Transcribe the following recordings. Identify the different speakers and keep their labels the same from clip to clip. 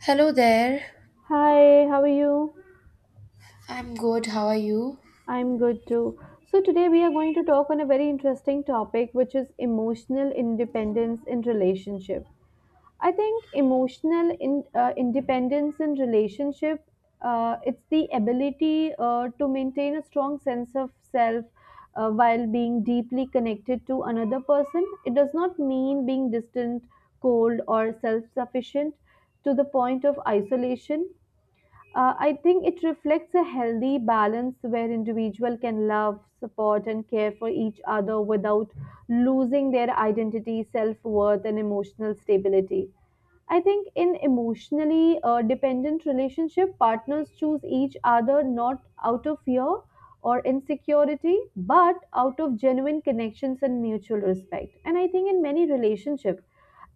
Speaker 1: Hello there.
Speaker 2: Hi, how are you?
Speaker 1: I'm good. How are you?
Speaker 2: I'm good too. So, today we are going to talk on a very interesting topic, which is emotional independence in relationship. I think emotional independence in relationship, it's the ability to maintain a strong sense of self while being deeply connected to another person. It does not mean being distant, cold, or self sufficient to the point of isolation. I think it reflects a healthy balance where individual can love, support, and care for each other without losing their identity, self worth, and emotional stability. I think in emotionally dependent relationship, partners choose each other not out of fear or insecurity, but out of genuine connections and mutual respect. And I think in many relationships,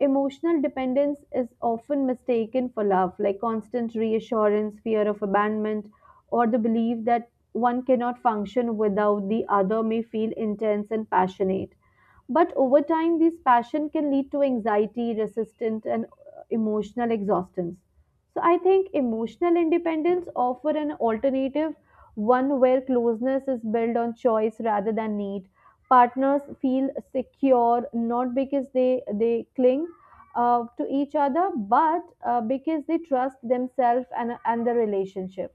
Speaker 2: emotional dependence is often mistaken for love, like constant reassurance, fear of abandonment, or the belief that one cannot function without the other may feel intense and passionate. But over time, this passion can lead to anxiety, resistance, and emotional exhaustion. So I think emotional independence offer an alternative, one where closeness is built on choice rather than need. Partners feel secure not because they cling to each other, but because they trust themselves and the relationship,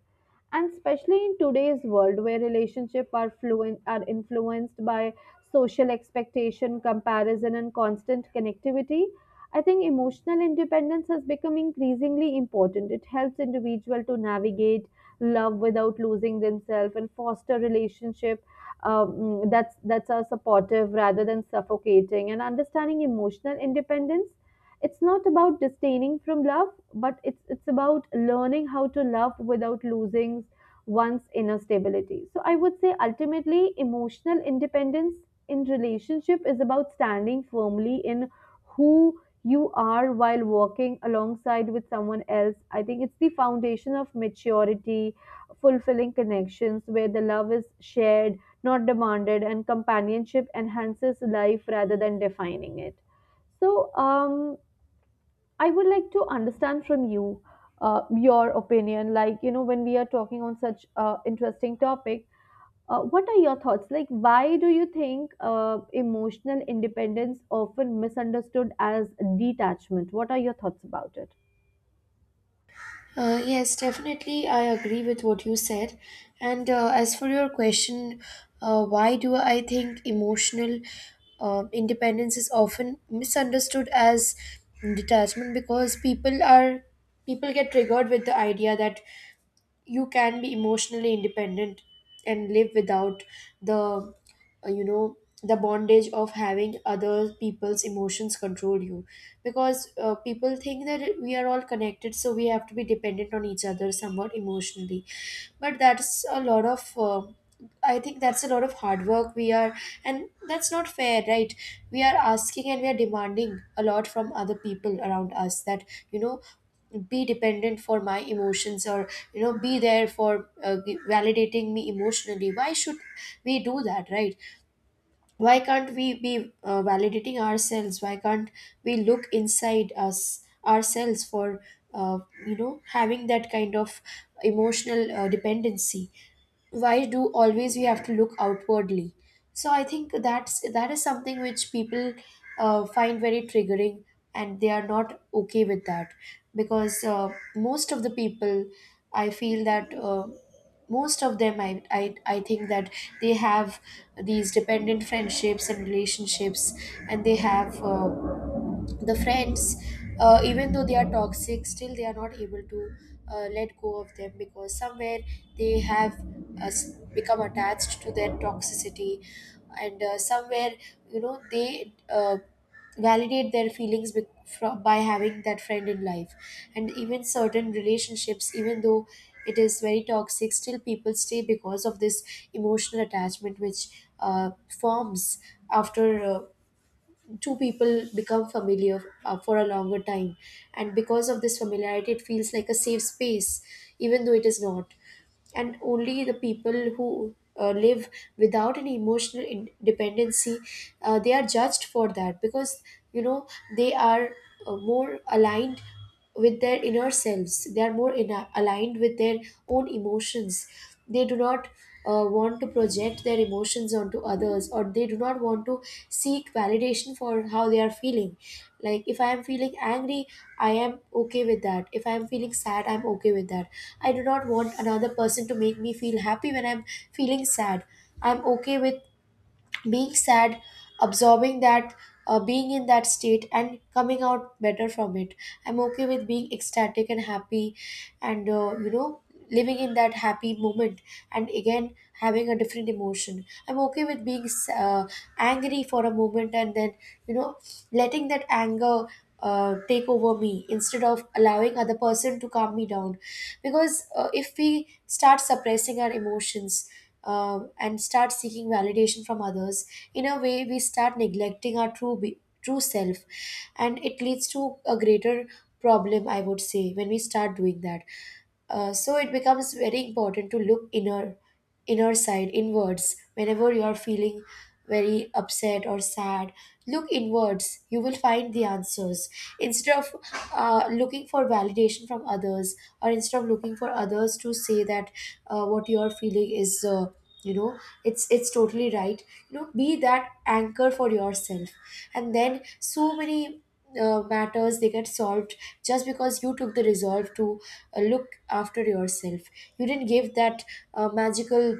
Speaker 2: and especially in today's world where relationships are fluent are influenced by social expectation, comparison, and constant connectivity. I think emotional independence has become increasingly important. It helps individual to navigate love without losing themselves and foster relationship that's are supportive rather than suffocating. And understanding emotional independence, it's not about disdaining from love, but it's about learning how to love without losing one's inner stability. So I would say ultimately emotional independence in relationship is about standing firmly in who you are while walking alongside with someone else. I think it's the foundation of maturity, fulfilling connections where the love is shared, not demanded, and companionship enhances life rather than defining it. So, I would like to understand from you your opinion. Like, you know, when we are talking on such interesting topic, what are your thoughts? Like, why do you think emotional independence often misunderstood as detachment? What are your thoughts about it?
Speaker 1: Yes, definitely. I agree with what you said. And as for your question, why do I think emotional independence is often misunderstood as detachment? Because people are People get triggered with the idea that you can be emotionally independent and live without the uh, you know the bondage of having other people's emotions control you, because people think that we are all connected, so we have to be dependent on each other somewhat emotionally. But that's a lot of I think that's a lot of hard work we are, and that's not fair, right? We are asking and we are demanding a lot from other people around us that, you know, be dependent for my emotions, or, you know, be there for validating me emotionally. Why should we do that, right? Why can't we be validating ourselves? Why can't we look inside us ourselves for uh, having that kind of emotional dependency? Why do always we have to look outwardly? So I think that is something which people find very triggering, and they are not okay with that. Because most of the people, I feel that most of them, I think that they have these dependent friendships and relationships, and they have the friends, even though they are toxic, still they are not able to let go of them because somewhere they have become attached to their toxicity. And somewhere, you know, they validate their feelings by having that friend in life. And even certain relationships, even though it is very toxic, still people stay because of this emotional attachment which uh, forms after two people become familiar for a longer time. And because of this familiarity, it feels like a safe space, even though it is not. And only the people who live without any emotional dependency, they are judged for that, because, you know, they are more aligned with their inner selves. They are more aligned with their own emotions. They do not want to project their emotions onto others, or they do not want to seek validation for how they are feeling. Like, if I am feeling angry, I am okay with that. If I am feeling sad, I'm okay with that. I do not want another person to make me feel happy when I'm feeling sad. I'm okay with being sad, absorbing that, being in that state and coming out better from it. I'm okay with being ecstatic and happy, and, you know, living in that happy moment. And again, having a different emotion, I'm okay with being angry for a moment and then, you know, letting that anger take over me, instead of allowing other person to calm me down. Because if we start suppressing our emotions and start seeking validation from others, in a way we start neglecting our true self. And it leads to a greater problem, I would say, when we start doing that. So it becomes very important to look inner side inwards whenever you are feeling very upset or sad. Look inwards, you will find the answers, instead of looking for validation from others, or instead of looking for others to say that what you're feeling is, you know it's totally right. You know, be that anchor for yourself, and then so many matters, they get solved, just because you took the resolve to look after yourself. You didn't give that magical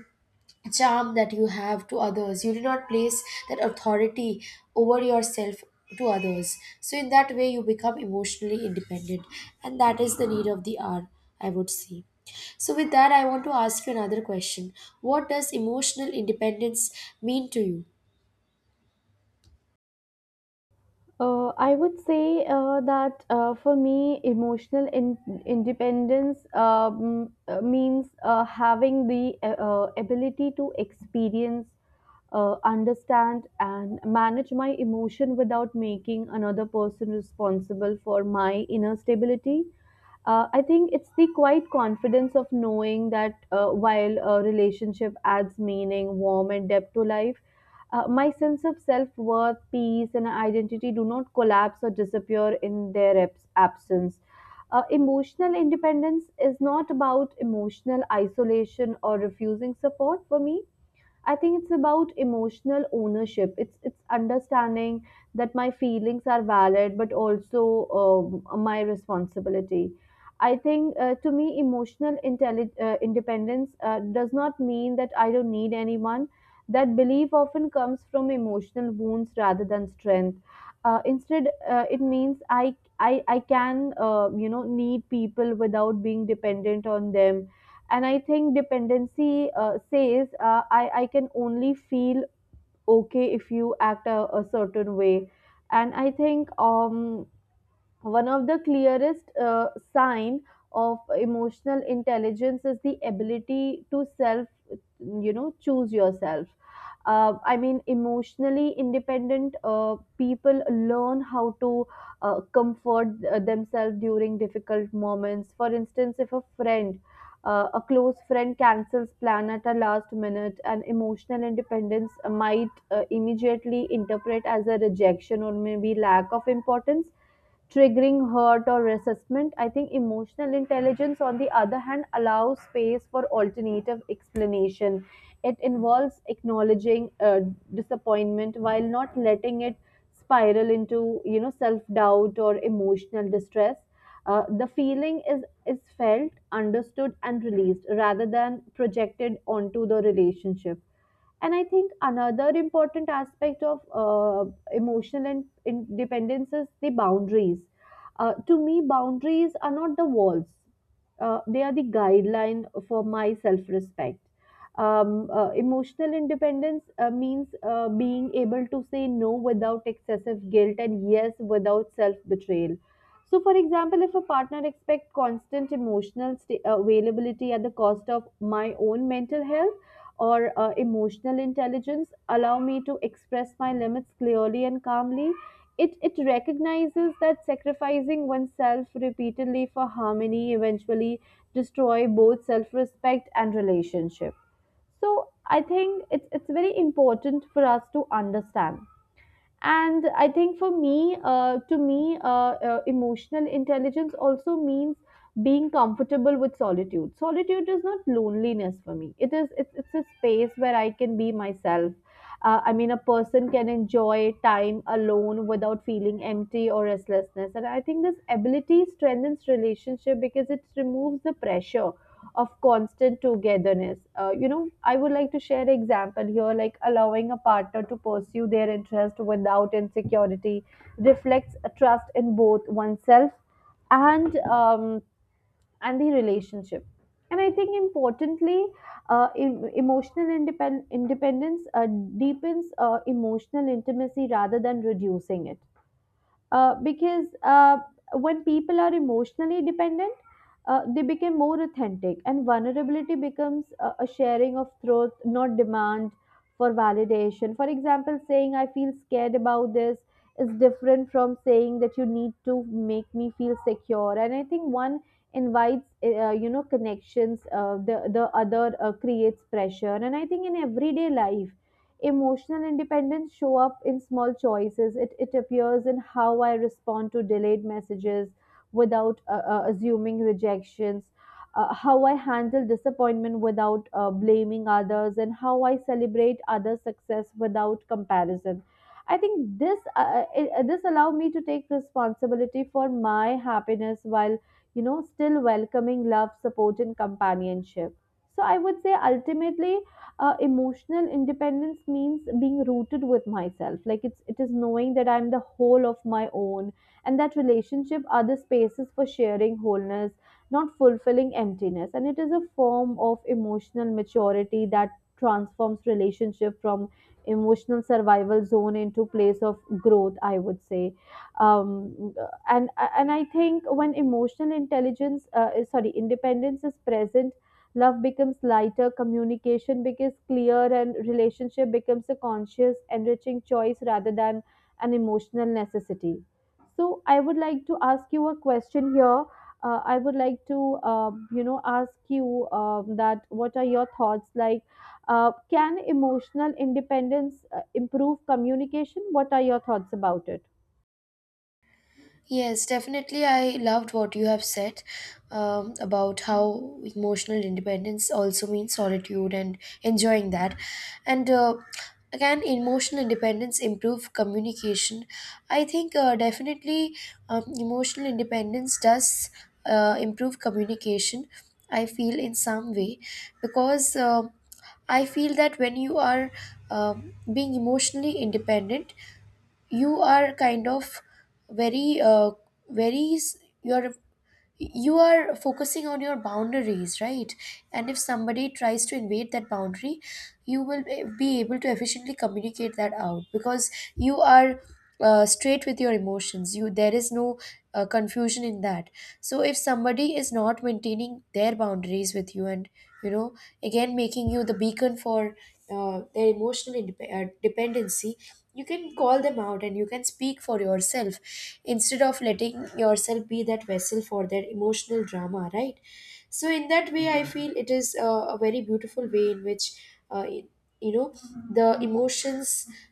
Speaker 1: charm that you have to others. You do not place that authority over yourself to others. So, in that way, you become emotionally independent, and that is the need of the hour, I would say. So, with that, I want to ask you another question. What does emotional independence mean to you?
Speaker 2: I would say that for me, emotional independence means having the ability to experience, understand, and manage my emotion without making another person responsible for my inner stability. I think it's the quiet confidence of knowing that while a relationship adds meaning, warmth, and depth to life, my sense of self worth, peace, and identity do not collapse or disappear in their absence. Emotional independence is not about emotional isolation or refusing support for me. I think it's about emotional ownership. It's understanding that my feelings are valid, but also my responsibility. I think to me, emotional independence does not mean that I don't need anyone. That belief often comes from emotional wounds rather than strength. Instead, it means I can you know need people without being dependent on them. And I think dependency says, I can only feel okay if you act a certain way. And I think one of the clearest sign of emotional intelligence is the ability to self you know choose yourself. I mean emotionally independent people learn how to comfort themselves during difficult moments. For instance, if a close friend cancels plan at a last minute, and emotional independence might immediately interpret as a rejection or maybe lack of importance, triggering hurt or resentment. I think emotional intelligence, on the other hand, allows space for alternative explanation. It involves acknowledging disappointment while not letting it spiral into you know self doubt or emotional distress. The feeling is felt, understood, and released rather than projected onto the relationship. And I think another important aspect of emotional and independence is the boundaries. To me, boundaries are not the walls. They are the guideline for my self respect. Emotional independence means being able to say no without excessive guilt and yes without self betrayal. So, for example, if a partner expects constant emotional availability at the cost of my own mental health, or emotional intelligence allow me to express my limits clearly and calmly. It recognizes that sacrificing oneself repeatedly for harmony eventually destroy both self-respect and relationship. So I think it's very important for us to understand. And I think for me to me emotional intelligence also means being comfortable with solitude. Solitude is not loneliness for me. It's a space where I can be myself. I mean a person can enjoy time alone without feeling empty or restlessness. And I think this ability strengthens relationship because it removes the pressure of constant togetherness. You know, I would like to share an example here, like allowing a partner to pursue their interest without insecurity reflects a trust in both oneself and um, and the relationship. And I think importantly, emotional independence deepens emotional intimacy rather than reducing it, because when people are emotionally dependent, they become more authentic, and vulnerability becomes a sharing of truth, not demand for validation. For example, saying I feel scared about this is different from saying that you need to make me feel secure. And I think one invites, you know, connections. The other creates pressure. And I think in everyday life emotional independence show up in small choices. It appears in how I respond to delayed messages without assuming rejections, how I handle disappointment without blaming others, and how I celebrate others' success without comparison. I think this allow me to take responsibility for my happiness while you know still welcoming love, support, and companionship. So I would say ultimately emotional independence means being rooted with myself. Like it is knowing that I'm the whole of my own, and that relationship are the spaces for sharing wholeness, not fulfilling emptiness. And it is a form of emotional maturity that transforms relationship from emotional survival zone into place of growth, I would say. Um, and and I think when emotional intelligence is- sorry independence is present, love becomes lighter, communication becomes clear, and relationship becomes a conscious, enriching choice rather than an emotional necessity. So, I would like to ask you a question here. I would like to, you know, ask you that what are your thoughts, like? Can emotional independence improve communication? What are your thoughts about it?
Speaker 1: Yes, definitely. I loved what you have said, about how emotional independence also means solitude and enjoying that. And again, emotional independence improve communication. I think, definitely, emotional independence does improve communication. I feel, in some way, because I feel that when you are, um being emotionally independent, you are kind of very very s- you're you are focusing on your boundaries, right? And if somebody tries to invade that boundary, you will be able to efficiently communicate that out, because you are straight with your emotions. You there is no confusion in that. So if somebody is not maintaining their boundaries with you and, you know, again making you the beacon for their emotional dependency, you can call them out and you can speak for yourself, instead of letting yourself be that vessel for their emotional drama, right? So in that way, I feel it is a very beautiful way in which, uh, you know the emotions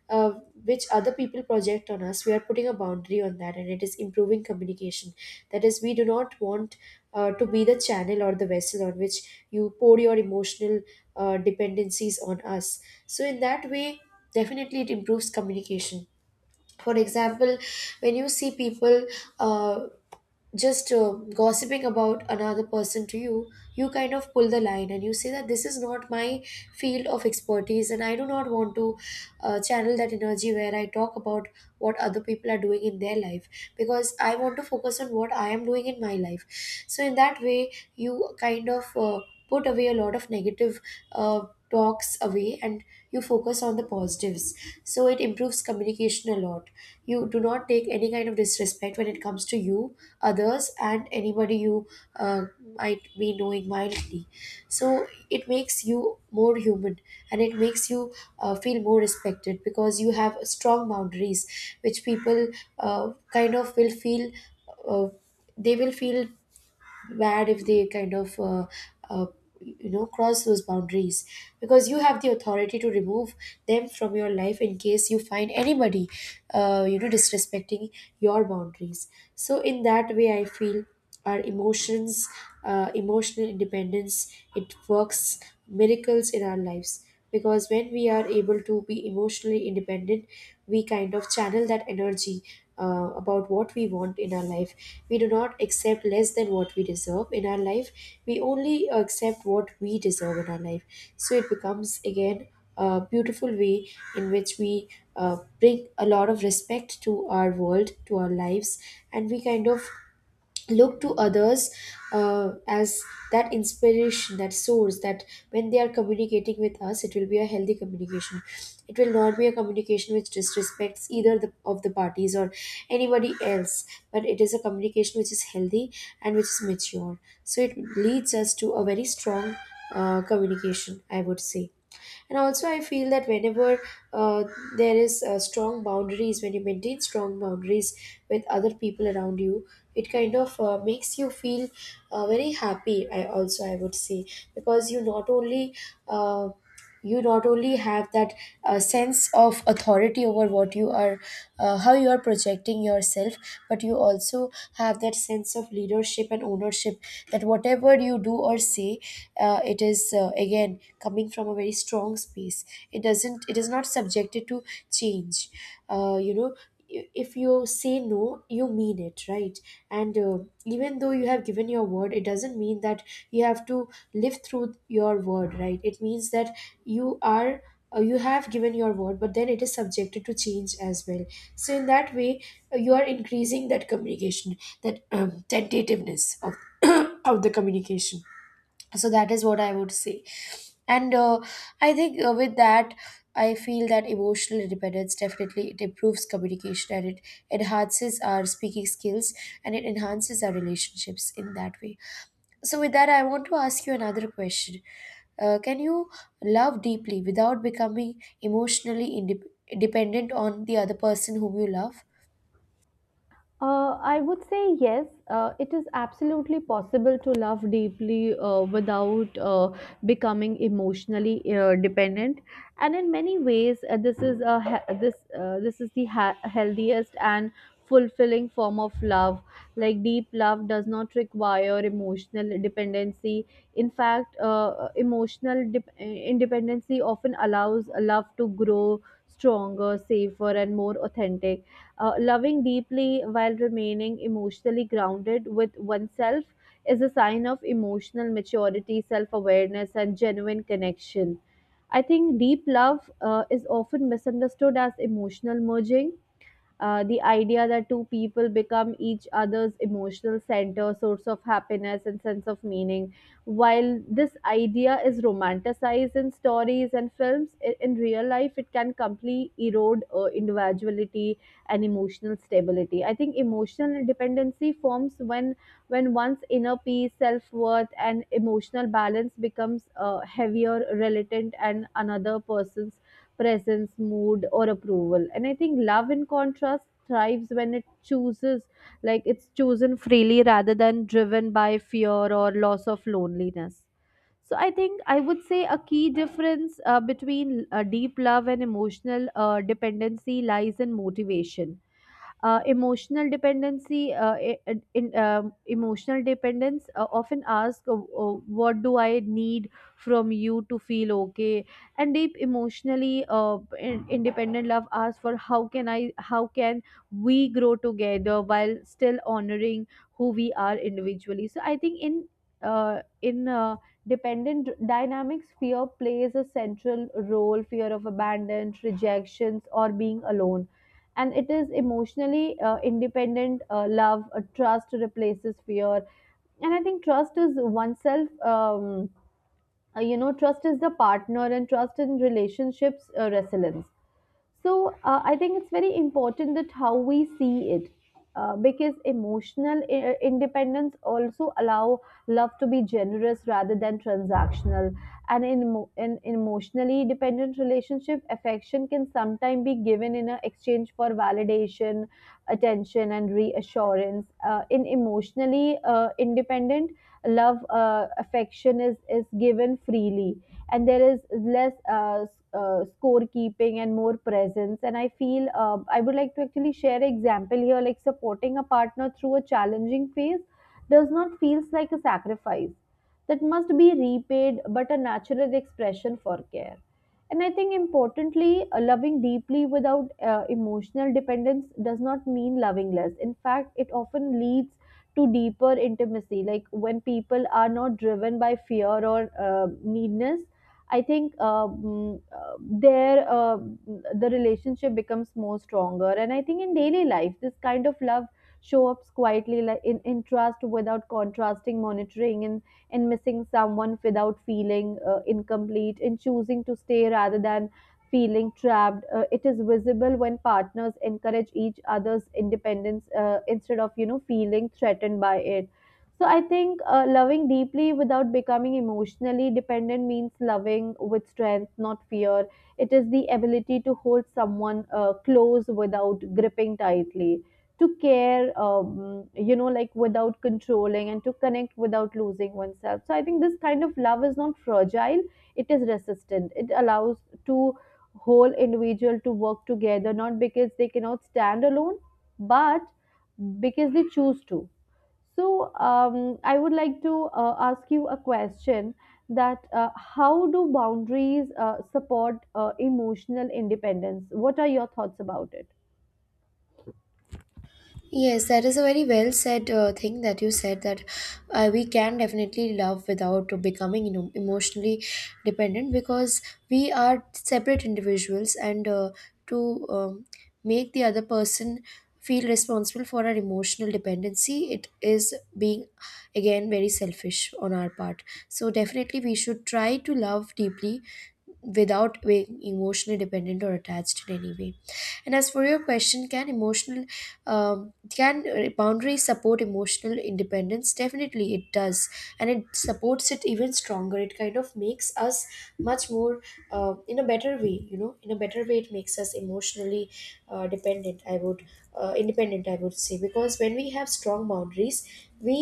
Speaker 1: uh, which other people project on us, we are putting a boundary on that, and it is improving communication. That is, we do not want to be the channel or the vessel on which you pour your emotional dependencies on us. So in that way, definitely it improves communication. For example, when you see people uh, just gossiping about another person to you, you kind of pull the line and you say that this is not my field of expertise, and I do not want to channel that energy where I talk about what other people are doing in their life, because I want to focus on what I am doing in my life. So, in that way, you kind of put away a lot of negative Uh, talks away, and you focus on the positives. So it improves communication a lot. You do not take any kind of disrespect when it comes to you, others and anybody you uh, might be knowing mildly. So it makes you more human, and it makes you feel more respected because you have strong boundaries, which people kind of will feel. Uh, they will feel bad if they kind of uh, cross those boundaries, because you have the authority to remove them from your life in case you find anybody, you know, disrespecting your boundaries. So in that way, I feel our emotions, emotional independence, it works miracles in our lives, because when we are able to be emotionally independent, we kind of channel that energy about what we want in our life. We do not accept less than what we deserve in our life. We only accept what we deserve in our life. So it becomes, again, a beautiful way in which we bring a lot of respect to our world, to our lives. And we kind of look to others as that inspiration, that source, that when they are communicating with us, it will be a healthy communication. It will not be a communication which disrespects either of the parties or anybody else, but it is a communication which is healthy and which is mature. So it leads us to a very strong communication, I would say. And also, I feel that whenever uh, there is strong boundaries, when you maintain strong boundaries with other people around you, it kind of makes you feel very happy, I also I would say, because uh, you not only have that sense of authority over what you are, how you are projecting yourself, but you also have that sense of leadership and ownership, that whatever you do or say, it is again coming from a very strong space. It doesn't it is not subjected to change. You know, if you say no, you mean it, right? and even though you have given your word, it doesn't mean that you have to live through your word, right? It means that you are you have given your word, but then it is subjected to change as well. So in that way, you are increasing that communication, that tentativeness of of the communication. So that is what I would say. And I think, with that, I feel that emotional independence, definitely, it improves communication, and it enhances our speaking skills, and it enhances our relationships in that way. So with that, I want to ask you another question. Can you love deeply without becoming emotionally indep dependent on the other person whom you love?
Speaker 2: I would say yes. It is absolutely possible to love deeply without becoming emotionally dependent, and in many ways, this is a he- this this is the healthiest and fulfilling form of love. Like deep love does not require emotional dependency. In fact, emotional dep independency often allows love to grow stronger, safer, and more authentic. Loving deeply while remaining emotionally grounded with oneself is a sign of emotional maturity, self awareness, and genuine connection. I think deep love is often misunderstood as emotional merging, the idea that two people become each other's emotional center, source of happiness, and sense of meaning. While this idea is romanticized in stories and films, in real life it can completely erode individuality and emotional stability. I think emotional dependency forms when one's inner peace, self worth, and emotional balance becomes heavier, relative, and another person's presence, mood, or approval. And I think love, in contrast, thrives when it chooses, like it's chosen freely rather than driven by fear or loss of loneliness. So I think I would say a key difference between deep love and emotional dependency lies in motivation. Emotional dependency, I- in, Emotional dependence often ask, uh, "What do I need from you to feel okay?" And deep emotionally independent love asks for, "How can I? How can we grow together while still honoring who we are individually?" So I think in dependent dynamics, fear plays a central role, fear of abandon, rejections, or being alone. And it is emotionally independent love, trust replaces fear. And I think trust is oneself, um, you know, trust is the partner, and trust in relationships resilience. So I think it's very important that how we see it, because emotional independence also allow love to be generous rather than transactional. And in in emotionally dependent relationship, affection can sometimes be given in a exchange for validation, attention, and reassurance. In emotionally independent love, affection is given freely, and there is less scorekeeping and more presence. And I feel I would like to actually share an example here, like supporting a partner through a challenging phase does not feels like a sacrifice that must be repaid, but a natural expression for care. And I think importantly, loving deeply without emotional dependence does not mean loving less. In fact, it often leads to deeper intimacy, like when people are not driven by fear or uh, needness. I think there The relationship becomes more stronger. And I think in daily life, this kind of love show ups quietly, like in trust without contrasting monitoring, and missing someone without feeling incomplete, in choosing to stay rather than feeling trapped. It is visible when partners encourage each other's independence instead of feeling threatened by it. So I think loving deeply without becoming emotionally dependent means loving with strength, not fear. It is the ability to hold someone close without gripping tightly, to care, like without controlling, and to connect without losing oneself. So I think this kind of love is not fragile; it is resistant. It allows two whole individual to work together, not because they cannot stand alone, but because they choose to. So, I would like to ask you a question: that how do boundaries support emotional independence? What are your thoughts about it?
Speaker 1: Yes, that is a very well said thing that you said, that we can definitely love without becoming, you know, emotionally dependent, because we are separate individuals. And to make the other person feel responsible For our emotional dependency, it is being again very selfish on our part. So definitely we should try to love deeply without being emotionally dependent or attached in any way. And as for your question, can emotional can boundaries support emotional independence? Definitely it does, and it supports it even stronger. It kind of makes us much more in a better way, in a better way. It makes us emotionally dependent I would independent, I would say, because when we have strong boundaries, we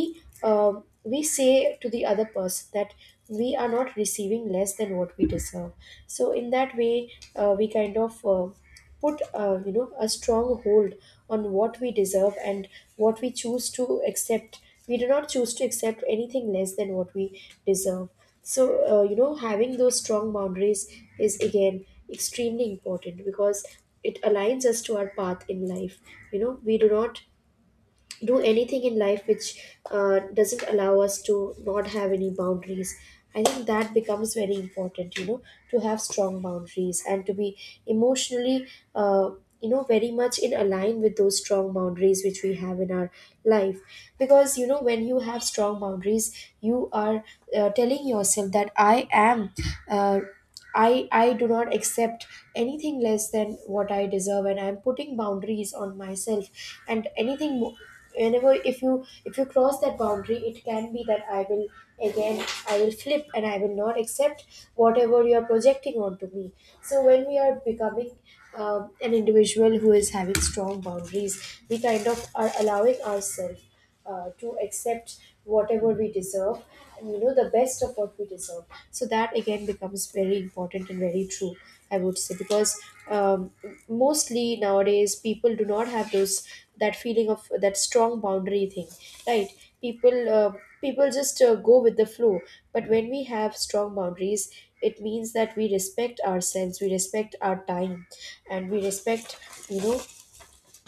Speaker 1: uh we say to the other person that we are not receiving less than what we deserve. So in that way, we kind of put, a strong hold on what we deserve and what we choose to accept. We do not choose to accept anything less than what we deserve. So having those strong boundaries is again extremely important, because it aligns us to our path in life. You know, we do not do anything in life which doesn't allow us to not have any boundaries. I think that becomes very important, you know, to have strong boundaries and to be emotionally uh, you know, very much in align with those strong boundaries which we have in our life. Because you know, when you have strong boundaries, you are telling yourself that I am uh, I do not accept anything less than what I deserve, and I'm putting boundaries on myself. And anything, mo- Whenever, if you cross that boundary, it can be that I will flip and I will not accept whatever you are projecting onto me. So when we are becoming an individual who is having strong boundaries, we kind of are allowing ourselves to accept whatever we deserve, and you know, the best of what we deserve. So that again becomes very important and very true, I would say, because um, mostly nowadays people do not have those, that feeling of that strong boundary thing, right? People uh, people just go with the flow. But when we have strong boundaries, it means that we respect ourselves, we respect our time, and we respect, you know,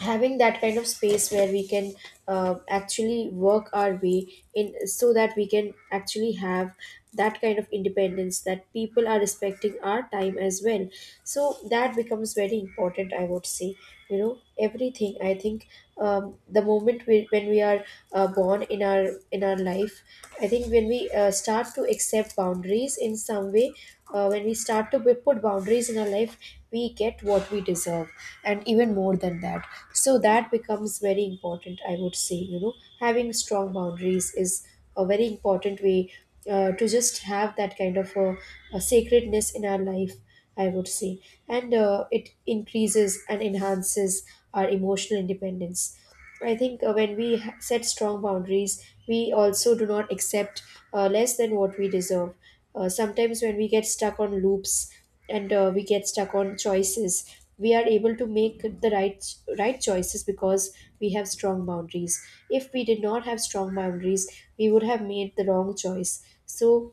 Speaker 1: having that kind of space where we can actually work our way in, so that we can actually have that kind of independence, that people are respecting our time as well. So that becomes very important, I would say. You know, everything, I think, when we are born in our, in our life, I think when we start to accept reflects boundaries in some way. When we start to put boundaries in our life, we get what we deserve, and even more than that. So that becomes very important, I would say. You know, having strong boundaries is a very important way to just have that kind of a sacredness in our life, I would say. And it increases and enhances our emotional independence. I think when we set strong boundaries, we also do not accept less than what we deserve. Sometimes when we get stuck on loops, and we get stuck on choices, we are able to make the right choices because we have strong boundaries. If we did not have strong boundaries, we would have made the wrong choice. So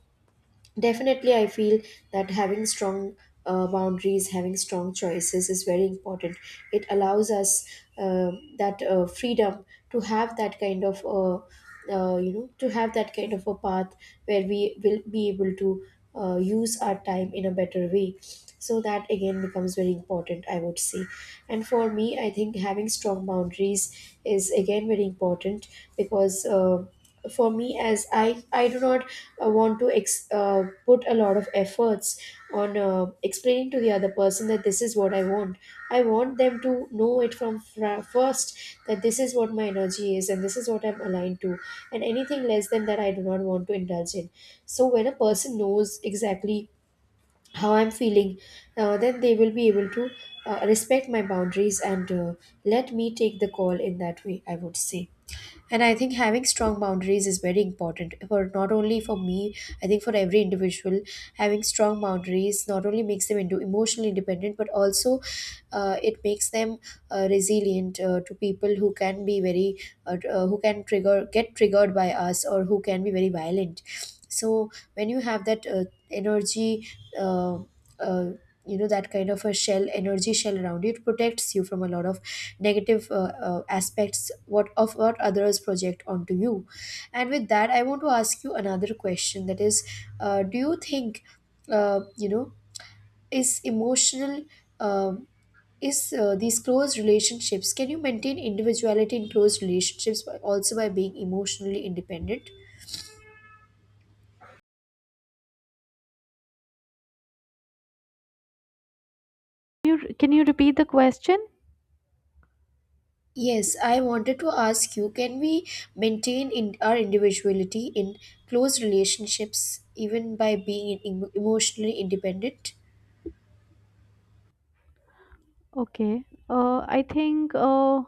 Speaker 1: definitely I feel that having strong boundaries, having strong choices is very important. It allows us uh, that freedom to have that kind of, you know, to have that kind of a path where we will be able to use our time in a better way. So that again becomes very important, I would say. And for me, I think having strong boundaries is again very important, because. For me, as I do not want to put a lot of efforts on explaining to the other person that this is what I want. I want them to know it from first, that this is what my energy is, and this is what I'm aligned to, and anything less than that I do not want to indulge in. So when a person knows exactly how I'm feeling, then they will be able to respect my boundaries, and let me take the call, in that way, I would say. And I think having strong boundaries is very important, for not only for me, I think for every individual. Having strong boundaries not only makes them into emotionally independent, but also it makes them resilient to people who can be very who can trigger get triggered by us, or who can be very violent. So when you have that energy uh, uh, you know, that kind of a shell, energy shell around you, it protects you from a lot of negative aspects, what of what others project onto you. And with that, I want to ask you another question, that is, do you think, uh, you know is emotional um is these close relationships, can you maintain individuality in close relationships also by being emotionally independent?
Speaker 2: You can you repeat the question?
Speaker 1: Yes, I wanted to ask you, can we maintain in our individuality in close relationships, even by being emotionally independent?
Speaker 2: Okay. I think.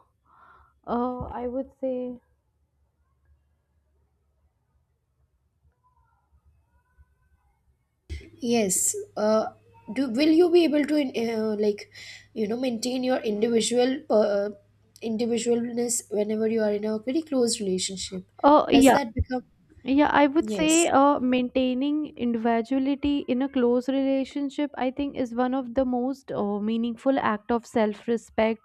Speaker 2: I would say
Speaker 1: Yes. Do, will you be able to like, you know, maintain your individual individualness whenever you are in a very close relationship?
Speaker 2: oh
Speaker 1: Does
Speaker 2: yeah.
Speaker 1: that become
Speaker 2: Yeah, I would say
Speaker 1: yes?
Speaker 2: maintaining individuality in a close relationship, I think, is one of the most meaningful act of self-respect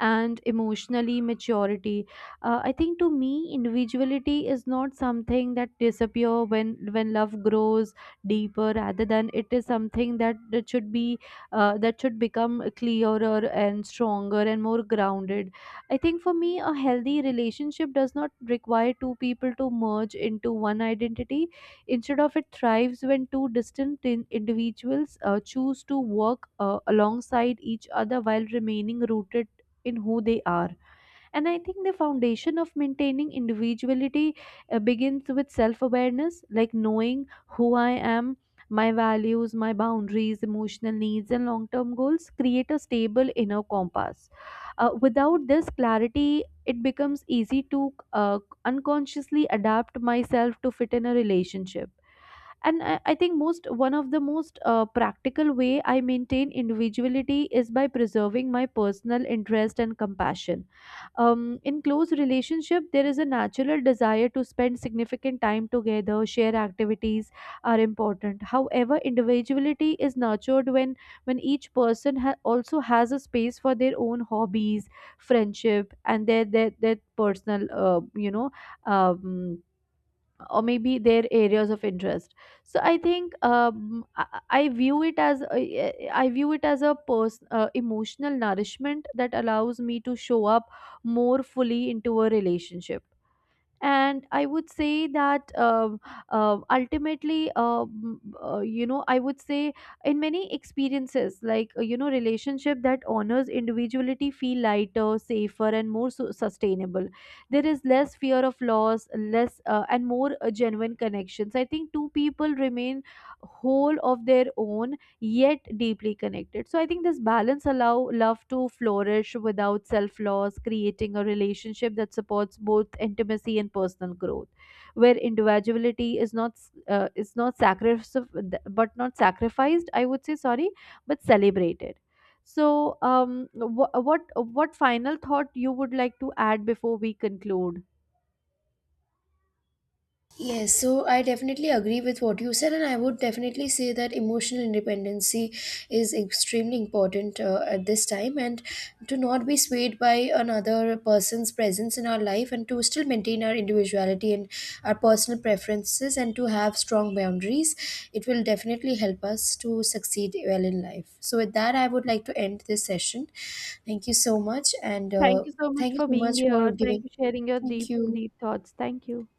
Speaker 2: and emotionally maturity. I think to me, individuality is not something that disappear when love grows deeper. Rather than it is something that should be that should become clearer and stronger and more grounded. I think for me, a healthy relationship does not require two people to merge into one identity. Instead of it thrives when two distant individuals choose to work alongside each other while remaining rooted in who they are. And I think the foundation of maintaining individuality begins with self awareness, like knowing who I am. My values, my boundaries, emotional needs, and long term goals create a stable inner compass. Without this clarity, it becomes easy to unconsciously adapt myself to fit in a relationship. I think most one of the most practical way I maintain individuality is by preserving my personal interest and compassion. Um, in close relationship there is a natural desire to spend significant time together, share activities are important. However, individuality is nurtured when each person also has a space for their own hobbies, friendship and their personal um, or maybe their areas of interest. So I think I view it as I view it as a person emotional nourishment that allows me to show up more fully into a relationship. And I would say that ultimately, I would say in many experiences, like relationship that honors individuality feel lighter, safer and more sustainable. There is less fear of loss, less and more genuine connections. I think two people remain whole of their own, yet deeply connected. So I think this balance allow love to flourish without self-loss, creating a relationship that supports both intimacy and personal growth, where individuality is not sacrificed, I would say, sorry, but celebrated. So, um, what final thought you would like to add before we conclude?
Speaker 1: Yes, so I definitely agree with what you said, and I would definitely say that emotional independency is extremely important at this time, and to not be swayed by another person's presence in our life, and to still maintain our individuality and our personal preferences, and to have strong boundaries, it will definitely help us to succeed well in life. So with that, I would like to end this session. Thank you so much, and
Speaker 2: Thank you so much
Speaker 1: thank you
Speaker 2: for
Speaker 1: so
Speaker 2: being
Speaker 1: much for
Speaker 2: here. Thank
Speaker 1: giving.
Speaker 2: you sharing your
Speaker 1: Thank
Speaker 2: deep
Speaker 1: you.
Speaker 2: deep thoughts. Thank you.